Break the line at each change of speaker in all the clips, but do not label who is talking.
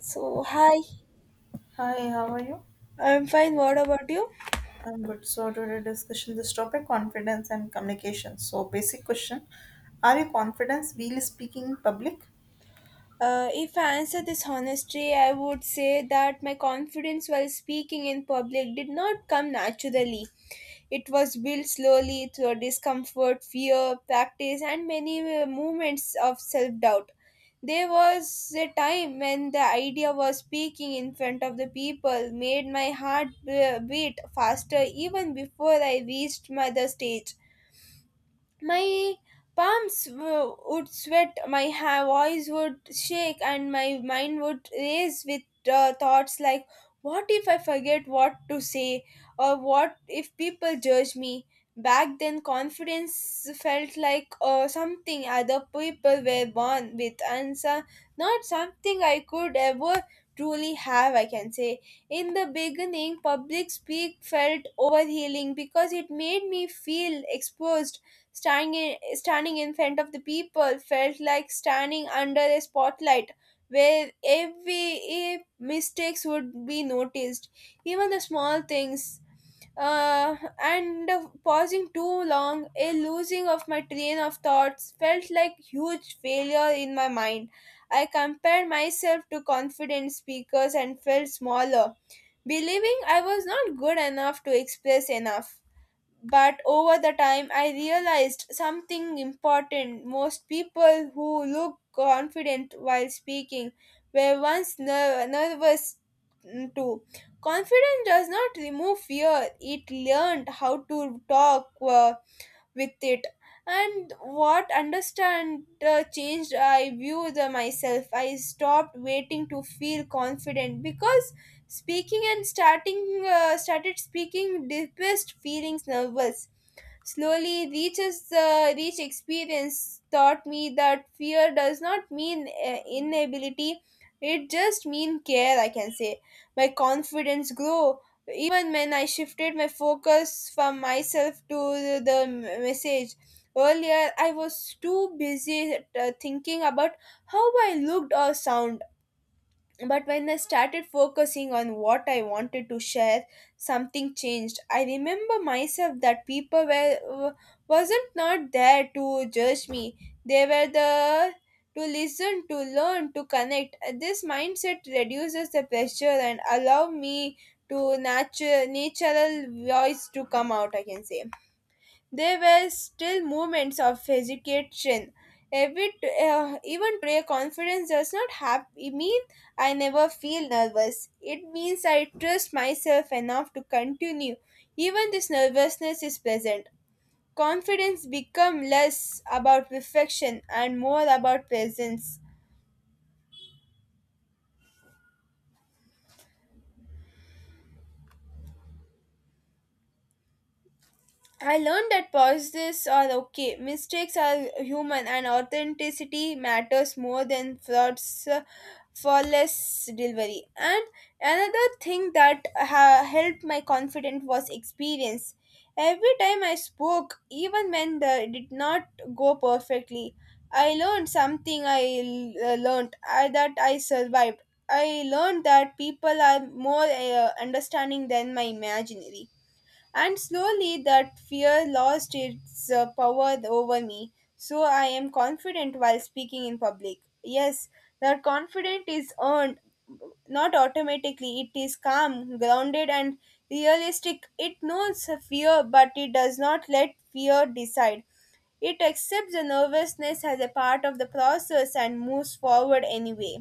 So, hi,
Hi, how are you?
I'm fine. What about you?
I'm good. So today discussion this topic confidence and communication. So basic question, are you confident while speaking in public?
If I answer this honestly, I would say that my confidence while speaking in public did not come naturally. It was built slowly through discomfort, fear, practice, and many moments of self doubt. There was a time when the idea of speaking in front of the people made my heart beat faster even before I reached my the stage. My palms would sweat, my voice would shake, and my mind would race with thoughts like, what if I forget what to say? Or what if people judge me? Back then, confidence felt like something other people were born with, and so, not something I could ever truly have, I can say. In the beginning, public speak felt overhealing because it made me feel exposed. Standing standing in front of the people felt like standing under a spotlight where every mistakes would be noticed, even the small things. Uh, and pausing too long, a losing of my train of thoughts felt like huge failure in my mind. I compared myself to confident speakers and felt smaller, believing I was not good enough to express enough. But over the time, I realized something important. Most people who look confident while speaking were once nervous too. Confidence does not remove fear, it learned how to talk with it, and what understand changed I view the myself I stopped waiting to feel confident because speaking and starting started speaking deepest feelings nervous. Slowly reaches the rich experience taught me that fear does not mean inability, it just mean care, I can say. My confidence grew even when I shifted my focus from myself to the message. Earlier, I was too busy thinking about how I looked or sound. But when I started focusing on what I wanted to share, something changed. I remember myself that people were uh, wasn't not there to judge me. They were there to listen, to learn, to connect. This mindset reduces the pressure and allow me to natural voice to come out. I can say. There were still moments of hesitation. Every even today, confidence does not have it mean I never feel nervous. It means I trust myself enough to continue. Even this nervousness is present. Confidence become less about perfection and more about presence. I learned that pauses are okay. Mistakes are human, and authenticity matters more than frauds for less delivery. And another thing that helped my confidence was experience. Every time I spoke, even when the did not go perfectly, I learned something. Learned that I survived. I learned that people are more understanding than my imaginary. And slowly that fear lost its power over me, so I am confident while speaking in public. Yes, that confidence is earned, not automatically. It is calm, grounded, and realistic. It knows fear, but it does not let fear decide. It accepts the nervousness as a part of the process and moves forward anyway.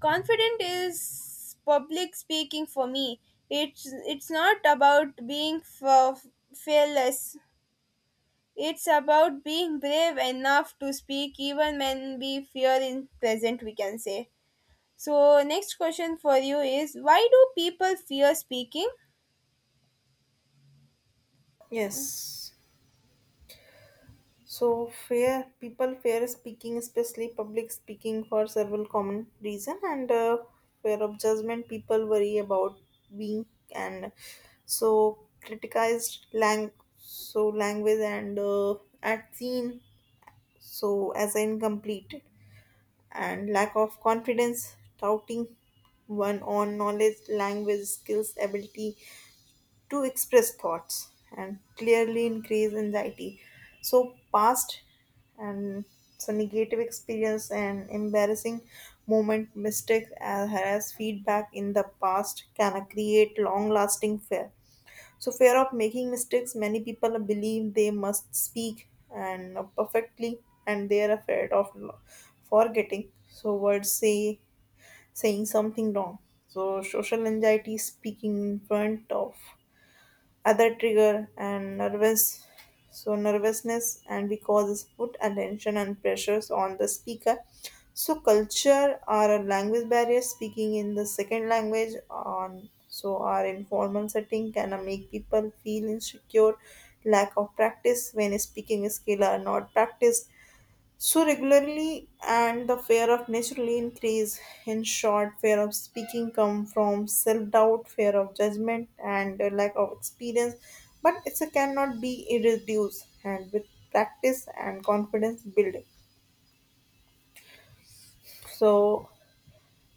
Confident is public speaking for me. It's it's not about being fearless. It's about being brave enough to speak even when we fear in present. We can say. So next question for you is why do people fear speaking?
Yes. So fear people fear speaking, especially public speaking for several common reason and fear of judgment people worry about being and so criticized lang so language and at seen so as incomplete and lack of confidence, doubting one on knowledge, language, skills, ability to express thoughts, and clearly increase anxiety. So, past and so negative experience and embarrassing moment mistakes as well as feedback in the past can create long lasting fear so, fear of making mistakes, many people believe they must speak and perfectly, and they are afraid of forgetting. So, words say saying something wrong. So, social anxiety, speaking in front of other trigger and nervous so nervousness and because put attention and pressures on the speaker so culture or a language barrier speaking in the second language on so our informal setting can make people feel insecure lack of practice when speaking skill are not practiced so regularly and the fear of naturally increase. In short, fear of speaking come from self-doubt, fear of judgment, and a lack of experience. But it cannot be reduced, and with practice and confidence building. So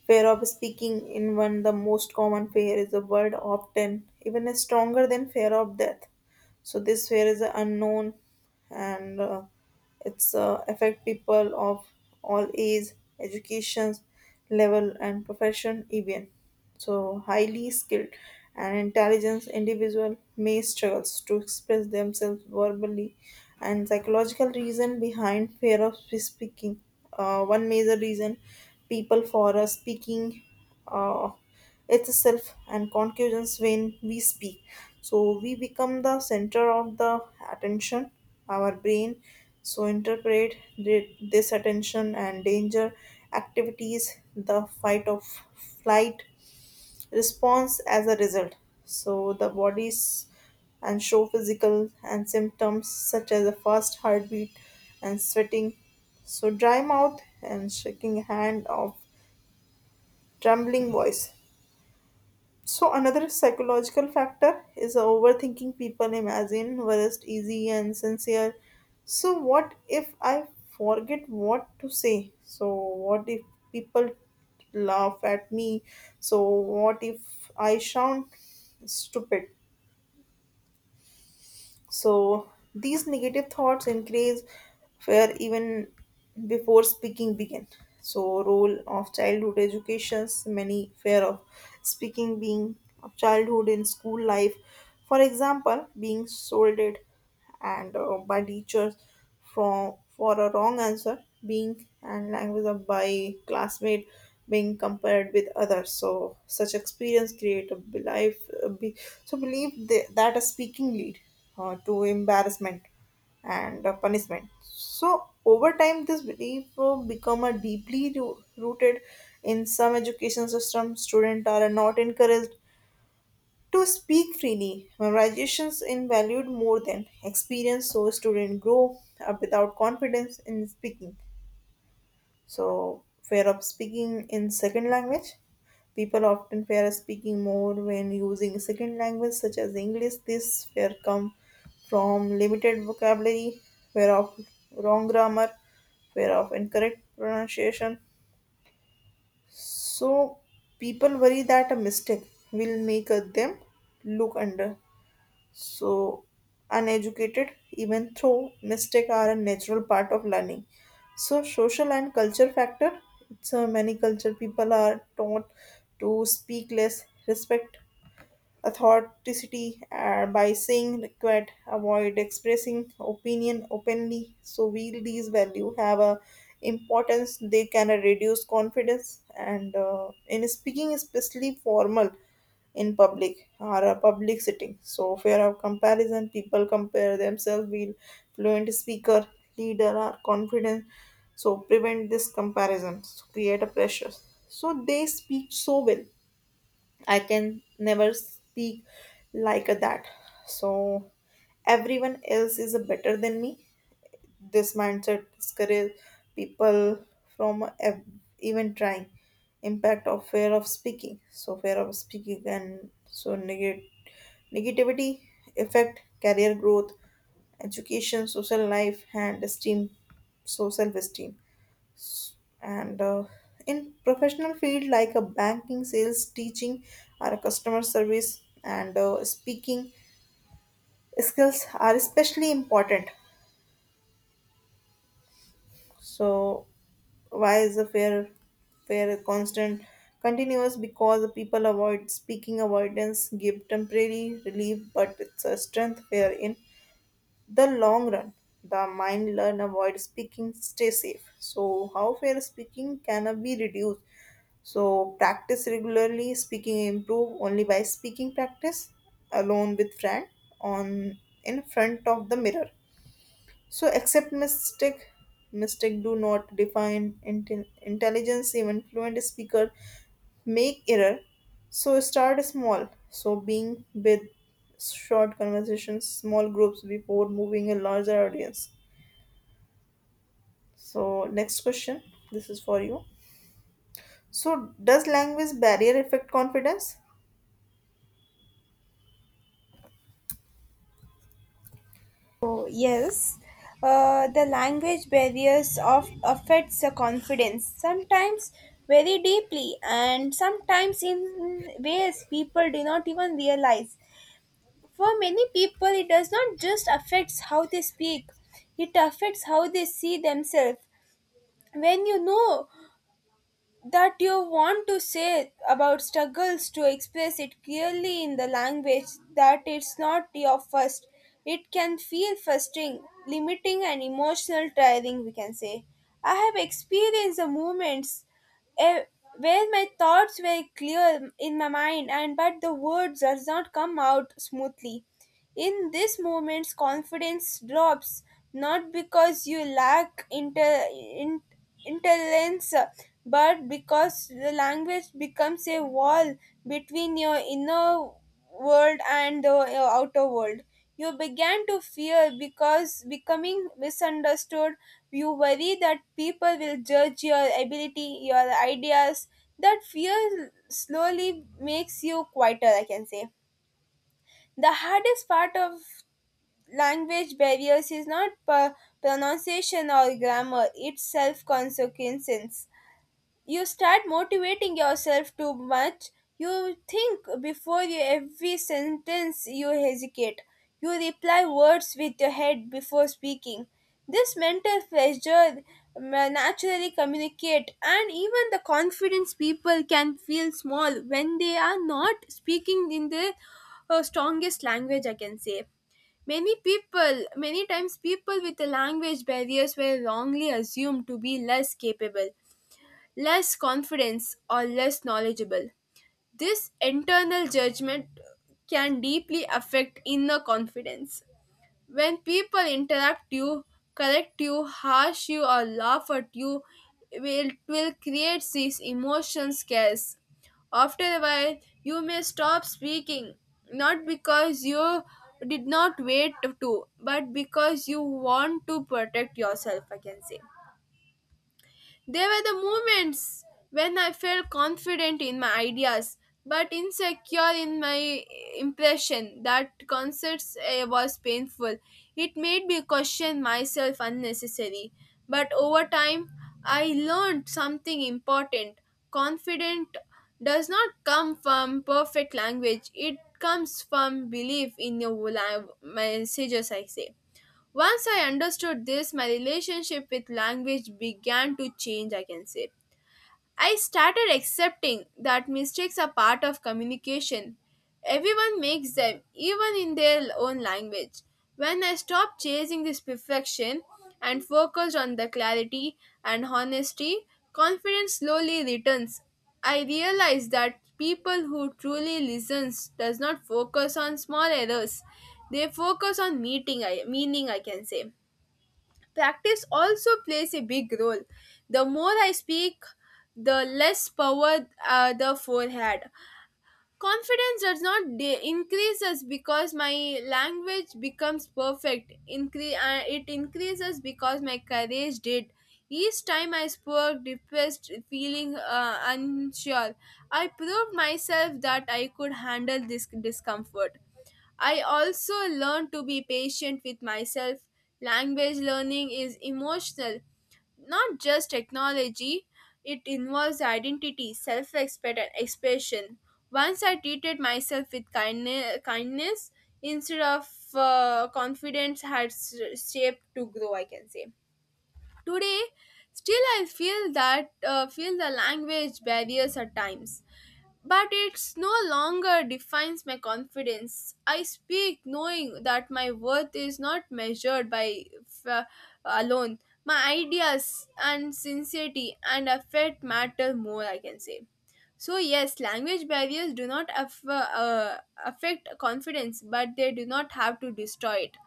fear of speaking in one the most common fear is a word often even is stronger than fear of death. So this fear is a unknown and it's affect people of all age, educations level, and profession even. So highly skilled and intelligent individual may struggles to express themselves verbally, and psychological reason behind fear of speaking. One major reason people for speaking. Uh, Itself and concussions when we speak. So we become the center of the attention. Our brain so interpret this attention and danger activities, the fight of flight response as a result. So the bodies and show physical and symptoms such as a fast heartbeat and sweating. So dry mouth and shaking hand of trembling voice. So another psychological factor is overthinking people imagine worst easy and sincere. So what if I forget what to say? So what if people laugh at me? So what if I sound stupid? So these negative thoughts increase fear even before speaking begin. So role of childhood educations, many fear of speaking being of childhood in school life. For example, being scolded and by teachers for a wrong answer being and language of by classmate being compared with others so such experience create a belief a be, so believe they, that a speaking lead to embarrassment and punishment so over time this belief will become a deeply rooted in some education system students are not encouraged to speak freely, memorizations in valued more than experience, so students grow up without confidence in speaking. So fear of speaking in second language. People often fear speaking more when using second language such as English. This fear comes from limited vocabulary, fear of wrong grammar, fear of incorrect pronunciation. So people worry that a mistake will make them look under so uneducated even though mistakes are a natural part of learning so social and culture factor so many culture people are taught to speak less respect authenticity by saying required avoid expressing opinion openly so will these value have a importance they can reduce confidence and in speaking especially formal in public or a public setting so fear of comparison people compare themselves with fluent speaker leader or confident so prevent this comparison so create a pressure so they speak so well I can never speak like that. So everyone else is better than me. This mindset discourages people from even trying. Impact of fear of speaking. So fear of speaking and so negative negativity affect career growth, education, social life, and esteem, so self-esteem and in professional field like a banking sales teaching or a customer service and speaking skills are especially important so why is a fair constant continuous because the people avoid speaking avoidance give temporary relief but it's a strength fair in the long run the mind learn avoid speaking stay safe so how fair speaking can be reduced so practice regularly speaking improve only by speaking practice alone with friend on in front of the mirror so accept mistake. Mistake do not define intelligence. Even fluent speaker make error. So start small. So being with short conversations, small groups before moving a larger audience. So next question. This is for you. So does language barrier affect confidence?
Oh, yes. The language barriers of affects the confidence sometimes very deeply and sometimes in ways people do not even realize. For many people, it does not just affect how they speak, it affects how they see themselves. When you know that you want to say about struggles to express it clearly in the language that it's not your first, it can feel frustrating, limiting, and emotional tiring, we can say. I have experienced the moments eh, where my thoughts were clear in my mind and but the words does not come out smoothly in this moments confidence drops not because you lack intelligence but because the language becomes a wall between your inner world and the outer world. You began to fear because becoming misunderstood. You worry that people will judge your ability, your ideas. That fear slowly makes you quieter, I can say. The hardest part of language barriers is not pronunciation or grammar, it's self consequences. You start motivating yourself too much, you think before you every sentence, you hesitate, you reply words with your head before speaking. This mental pressure naturally communicate, and even the confidence people can feel small when they are not speaking in their strongest language, I can say. Many people many times people with the language barriers were wrongly assumed to be less capable, less confidence, or less knowledgeable. This internal judgment can deeply affect inner confidence. When people interrupt you, correct you, harsh you, or laugh at you, it will create these emotion scares. After a while, you may stop speaking, not because you did not wait to, but because you want to protect yourself, I can say. They were the moments when I felt confident in my ideas but insecure in my impression that concerts was painful. It made me question myself unnecessary. But over time, I learned something important. Confident does not come from perfect language. It comes from belief in your messages, I say. Once I understood this, my relationship with language began to change, I can say. I started accepting that mistakes are part of communication. Everyone makes them, even in their own language. When I stopped chasing this perfection and focused on the clarity and honesty, confidence slowly returns. I realized that people who truly listens does not focus on small errors. They focus on meaning, I can say. Practice also plays a big role. The more I speak, the less power the forehead. Confidence does not increases because my language becomes perfect. It increases because my courage did. Each time I spoke, depressed, feeling unsure, I proved myself that I could handle this discomfort. I also learn to be patient with myself. Language learning is emotional, not just technology. It involves identity, self respect, and expression. Once I treated myself with kindness, kindness instead of confidence, had shaped to grow, I can say. Today, still I feel that feel the language barriers at times, but it's no longer defines my confidence. I speak knowing that my worth is not measured by f- alone. My ideas and sincerity and affect matter more. I can say. So yes, language barriers do not affect confidence, but they do not have to destroy it.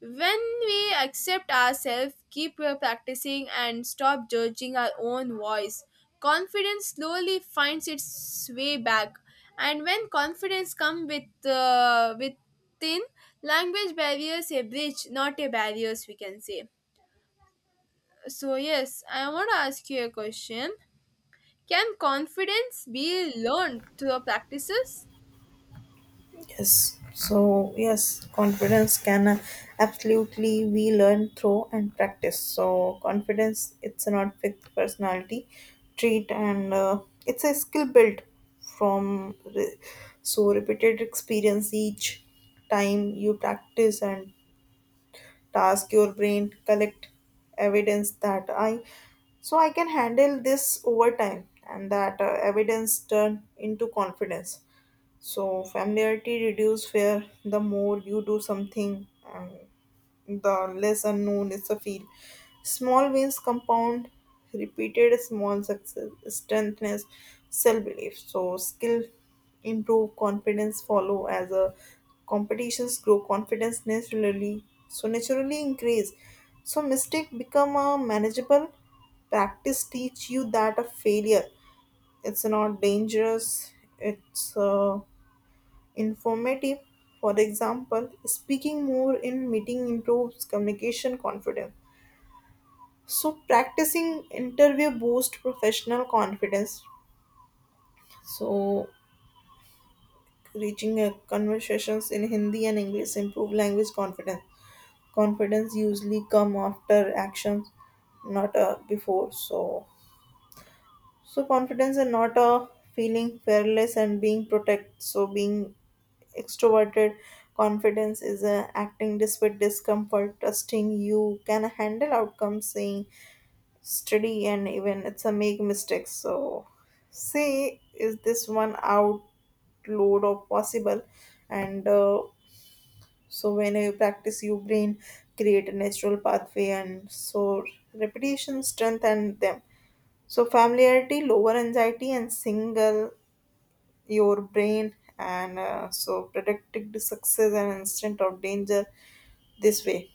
When we accept ourselves, keep practicing, and stop judging our own voice, confidence slowly finds its way back. And when confidence comes with with thin language barriers, a bridge, not a barriers, we can say. So yes, I want to ask you a question. Can confidence be learned through practices?
Yes. So, yes, confidence can absolutely we learn through and practice. So, confidence it's not fixed personality trait and it's a skill built from so repeated experience each time you practice and task your brain collect evidence that I can handle this over time and that evidence turn into confidence so familiarity reduce fear. The more you do something, and the less unknown is the feel. Small wins compound. Repeated small success strengthens self belief. So skill improve, confidence follow as a competitions grow. Confidence naturally increase. So mistake become a manageable. Practice teach you that a failure it's not dangerous. It's informative. For example, speaking more in meeting improves communication confidence. So practicing interview boosts professional confidence. So reaching a conversations in Hindi and English improve language confidence. Confidence usually come after actions, not before. So confidence and not a feeling fearless and being protect. So being extroverted, confidence is a acting despite discomfort, trusting you can handle outcomes, saying steady and even it's a make mistakes. So say is this one outload of possible and so when you practice your brain create a natural pathway and so repetition strengthen them so familiarity, lower anxiety, and single your brain, and so predicted success and instant of danger this way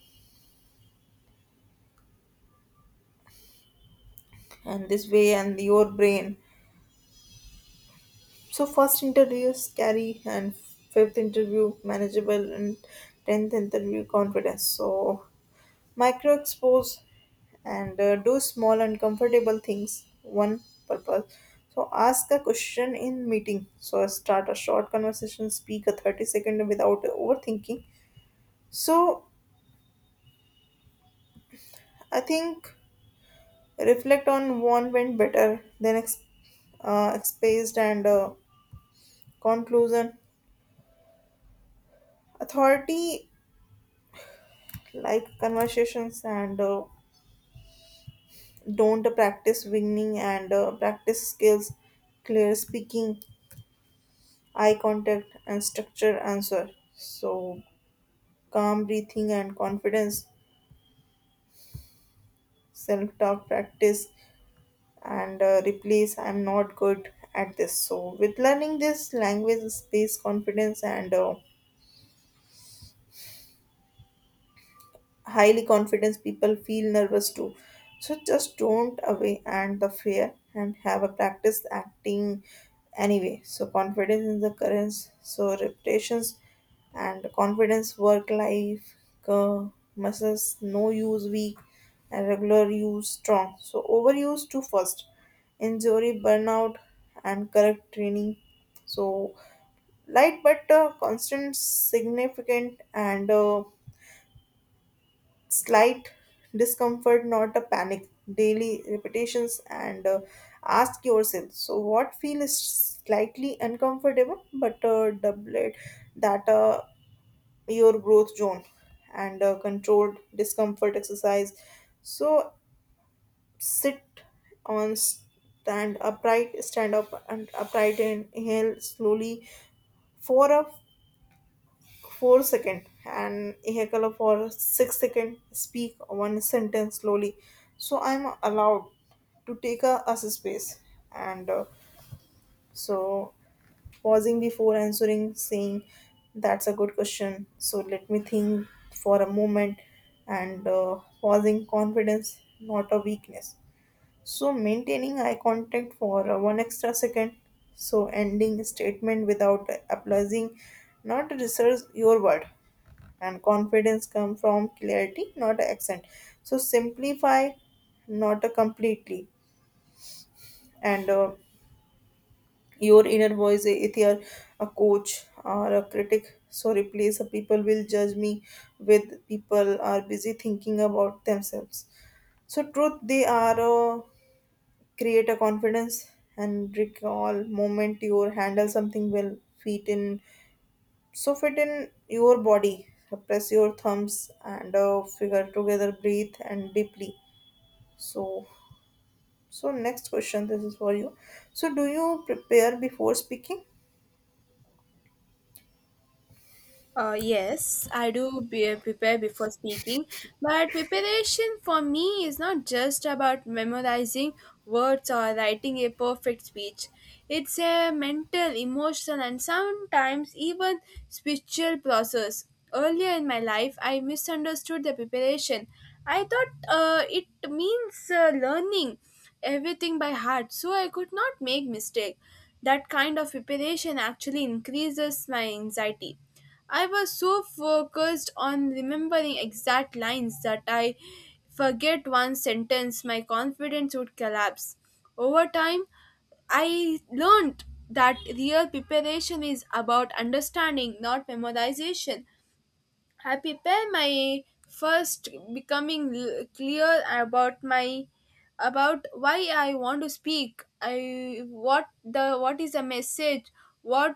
this way and your brain. So first interview is scary and fifth interview manageable and tenth interview confidence. So micro expose and do small uncomfortable things one purpose so ask a question in meeting so start a short conversation speak a 30-second without overthinking so I think reflect on what went better than exposed and conclusion authority like conversations and don't practice winning and practice skills clear speaking eye contact and structure answer so calm breathing and confidence, self talk practice, and replace I'm not good at this. So, with learning this language, space, confidence, and highly confident people feel nervous too so just don't away and the fear and have a practice acting anyway so confidence is the currents so reputations and confidence work life uh, muscles no use weak and regular use strong so overuse to first injury burnout and correct training so light but constant significant and slight discomfort, not a panic. Daily repetitions and ask yourself. So, what feels slightly uncomfortable, but double it that your growth zone and controlled discomfort exercise. So, sit on stand upright, stand up and upright and inhale slowly for a four second and ehekala for six second speak one sentence slowly so I'm allowed to take a us a space and so pausing before answering saying that's a good question so let me think for a moment and pausing confidence not a weakness so maintaining eye contact for one extra second. So ending statement without applause, not research your word. And confidence come from clarity, not accent. So simplify, not a completely. And your inner voice, if you are a coach or a critic, so replace the people will judge me with people are busy thinking about themselves. So truth, they are. Create a confidence and recall moment you handle something well fit in so fit in your body press your thumbs and figure together breathe and deeply so so next question this is for you so do you prepare before speaking
Yes, I do prepare before speaking, but preparation for me is not just about memorizing words or writing a perfect speech. It's a mental, emotional, and sometimes even spiritual process. Earlier in my life, I misunderstood the preparation. I thought it means learning everything by heart, so I could not make mistake. That kind of preparation actually increases my anxiety. I was so focused on remembering exact lines that I forget one sentence, my confidence would collapse. Over time, I learned that real preparation is about understanding, not memorization. I prepare my first becoming clear about my about why I want to speak. I what the what is the message? What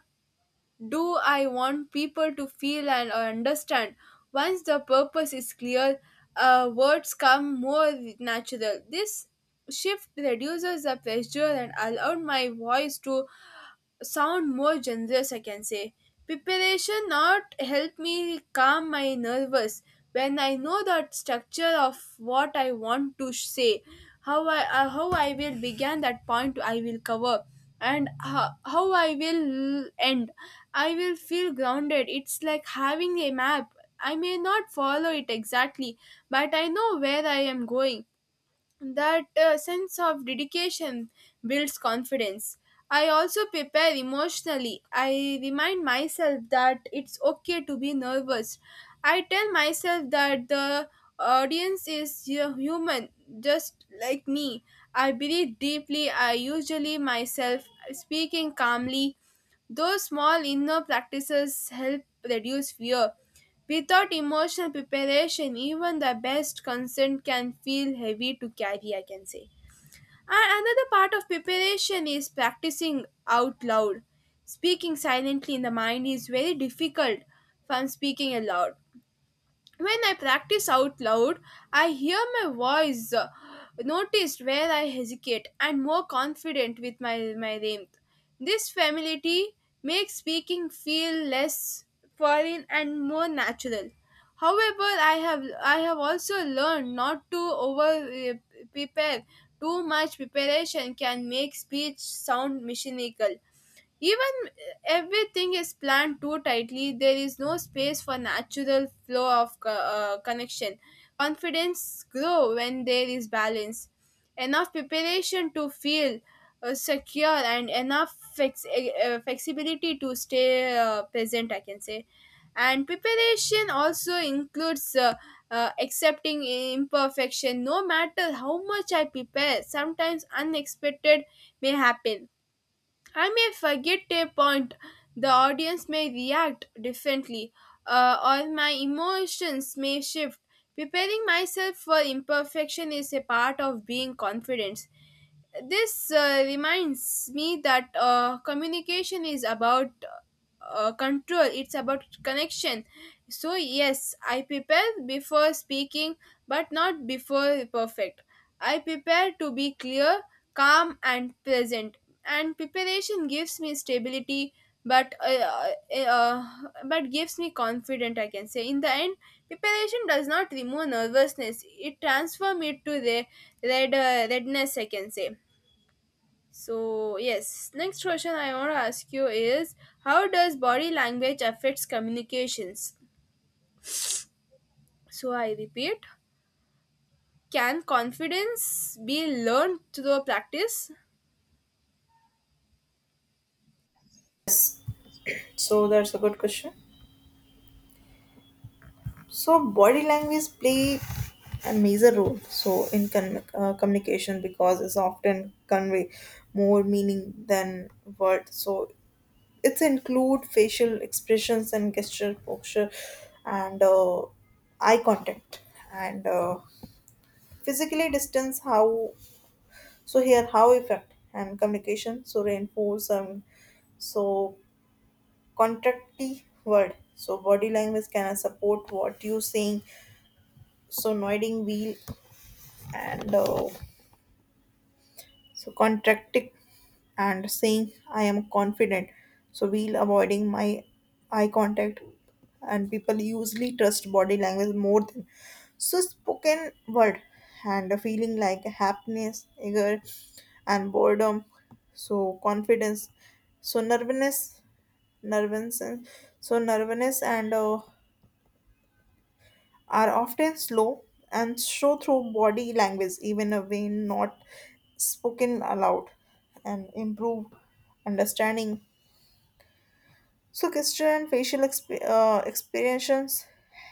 do I want people to feel and or understand. Once the purpose is clear, words come more natural. This shift reduces the pressure and allowed my voice to sound more generous, I can say. Preparation not help me calm my nervous when I know the structure of what I want to say, how I will begin that point I will cover, and how I will end. I will feel grounded. It's like having a map. I may not follow it exactly, but I know where I am going. That sense of dedication builds confidence. I also prepare emotionally. I remind myself that it's okay to be nervous. I tell myself that the audience is human, just like me. I breathe deeply, I usually myself speaking calmly. Those small inner practices help reduce fear. Without emotional preparation, even the best consent can feel heavy to carry, I can say. And another part of preparation is practicing out loud. Speaking silently in the mind is very difficult from speaking aloud. When I practice out loud, I hear my voice noticed where I hesitate and more confident with my rhythm. This familiarity makes speaking feel less foreign and more natural. However, I have also learned not to over prepare. Too much preparation can make speech sound mechanical. Even everything is planned too tightly, there is no space for natural flow of connection. Confidence grow when there is balance, enough preparation to feel secure, and enough flexibility to stay present, I can say. And preparation also includes accepting imperfection. No matter how much I prepare, sometimes unexpected may happen. I may forget a point, the audience may react differently, uh, or my emotions may shift. Preparing myself for imperfection is a part of being confident. This reminds me that communication is about control, it's about connection. So, yes, I prepare before speaking, but not before perfect. I prepare to be clear, calm, and present. And preparation gives me stability, but uh, uh, uh, but gives me confident. I can say. In the end, preparation does not remove nervousness; it transforms it to the redness. I can say. So yes, next question I want to ask you is how does body language affects communications? So I repeat, can confidence be learned through practice?
so that's a good question so body language play a major role so in communication because it's often convey more meaning than words so it's include facial expressions and gesture posture and eye contact and physically distance how so here how effect and communication so reinforce so contracty word so body language can support what you saying so nodding wheel and so contracting and saying I am confident so we'll avoiding my eye contact and people usually trust body language more than so spoken word and a feeling like happiness anger and boredom so confidence so nervousness nervousness and are often slow and show through body language, even a when not spoken aloud, and improve understanding. So, gesture and facial expressions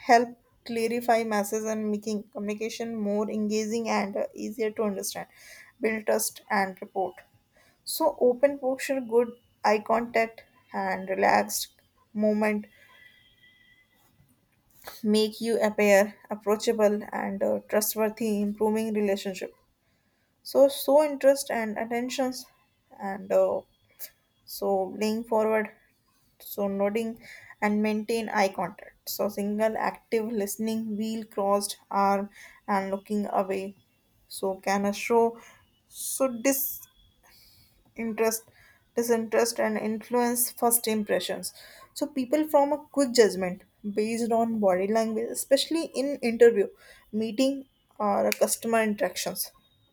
help clarify messages and making communication more engaging and easier to understand, build trust and report. So, open posture, good eye contact, and relaxed movement make you appear approachable and trustworthy improving relationship so so interest and attentions and so leaning forward so nodding and maintain eye contact so single active listening wheel crossed arm and looking away so can a show so dis interest disinterest and influence first impressions so people form a quick judgment based on body language especially in interview meeting or customer interactions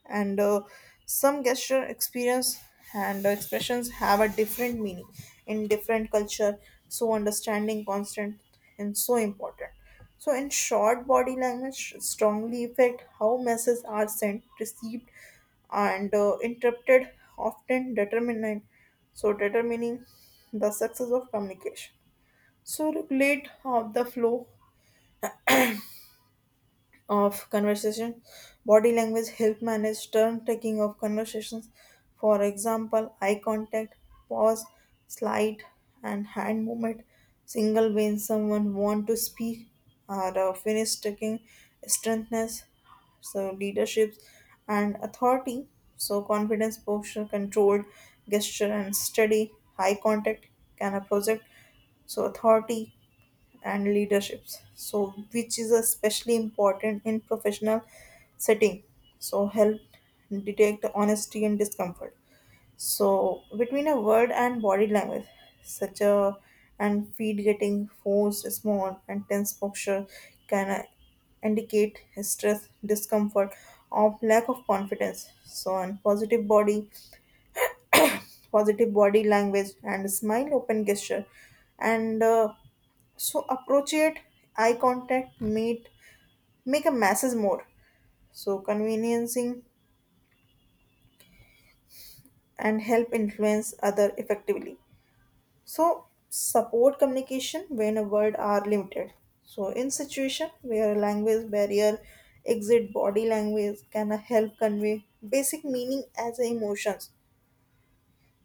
and some gesture experience and expressions have a different meaning in different culture so understanding constant and so important so in short body language strongly affect how messages are sent received and interrupted often determining the success of communication so regulate the flow of conversation. Body language help manage turn taking of conversations. For example, eye contact, pause, slide, and hand movement. Single when someone want to speak or finish taking strengthness, so leaderships and authority. So confidence, posture, controlled gesture and steady eye contact can a project so authority and leaderships so which is especially important in professional setting so help detect honesty and discomfort so between a word and body language such a and feet getting forced small and tense posture can indicate stress discomfort or lack of confidence so and positive body language and smile open gesture and so appropriate eye contact meet make a masses more. So conveniencing and help influence other effectively. So support communication when a word are limited. So in situation where a language barrier exit body language can help convey basic meaning as emotions.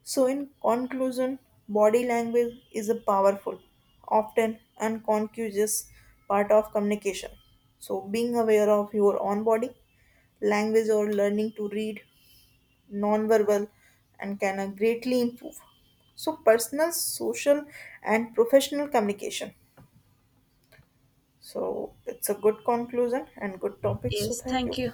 So, in conclusion, body language is a powerful, often unconscious part of communication. So, being aware of your own body language or learning to read non-verbal and can greatly improve. So, personal, social, and professional communication. So, it's a good conclusion and good topic. So,
Yes,
thank
thank
you.
you.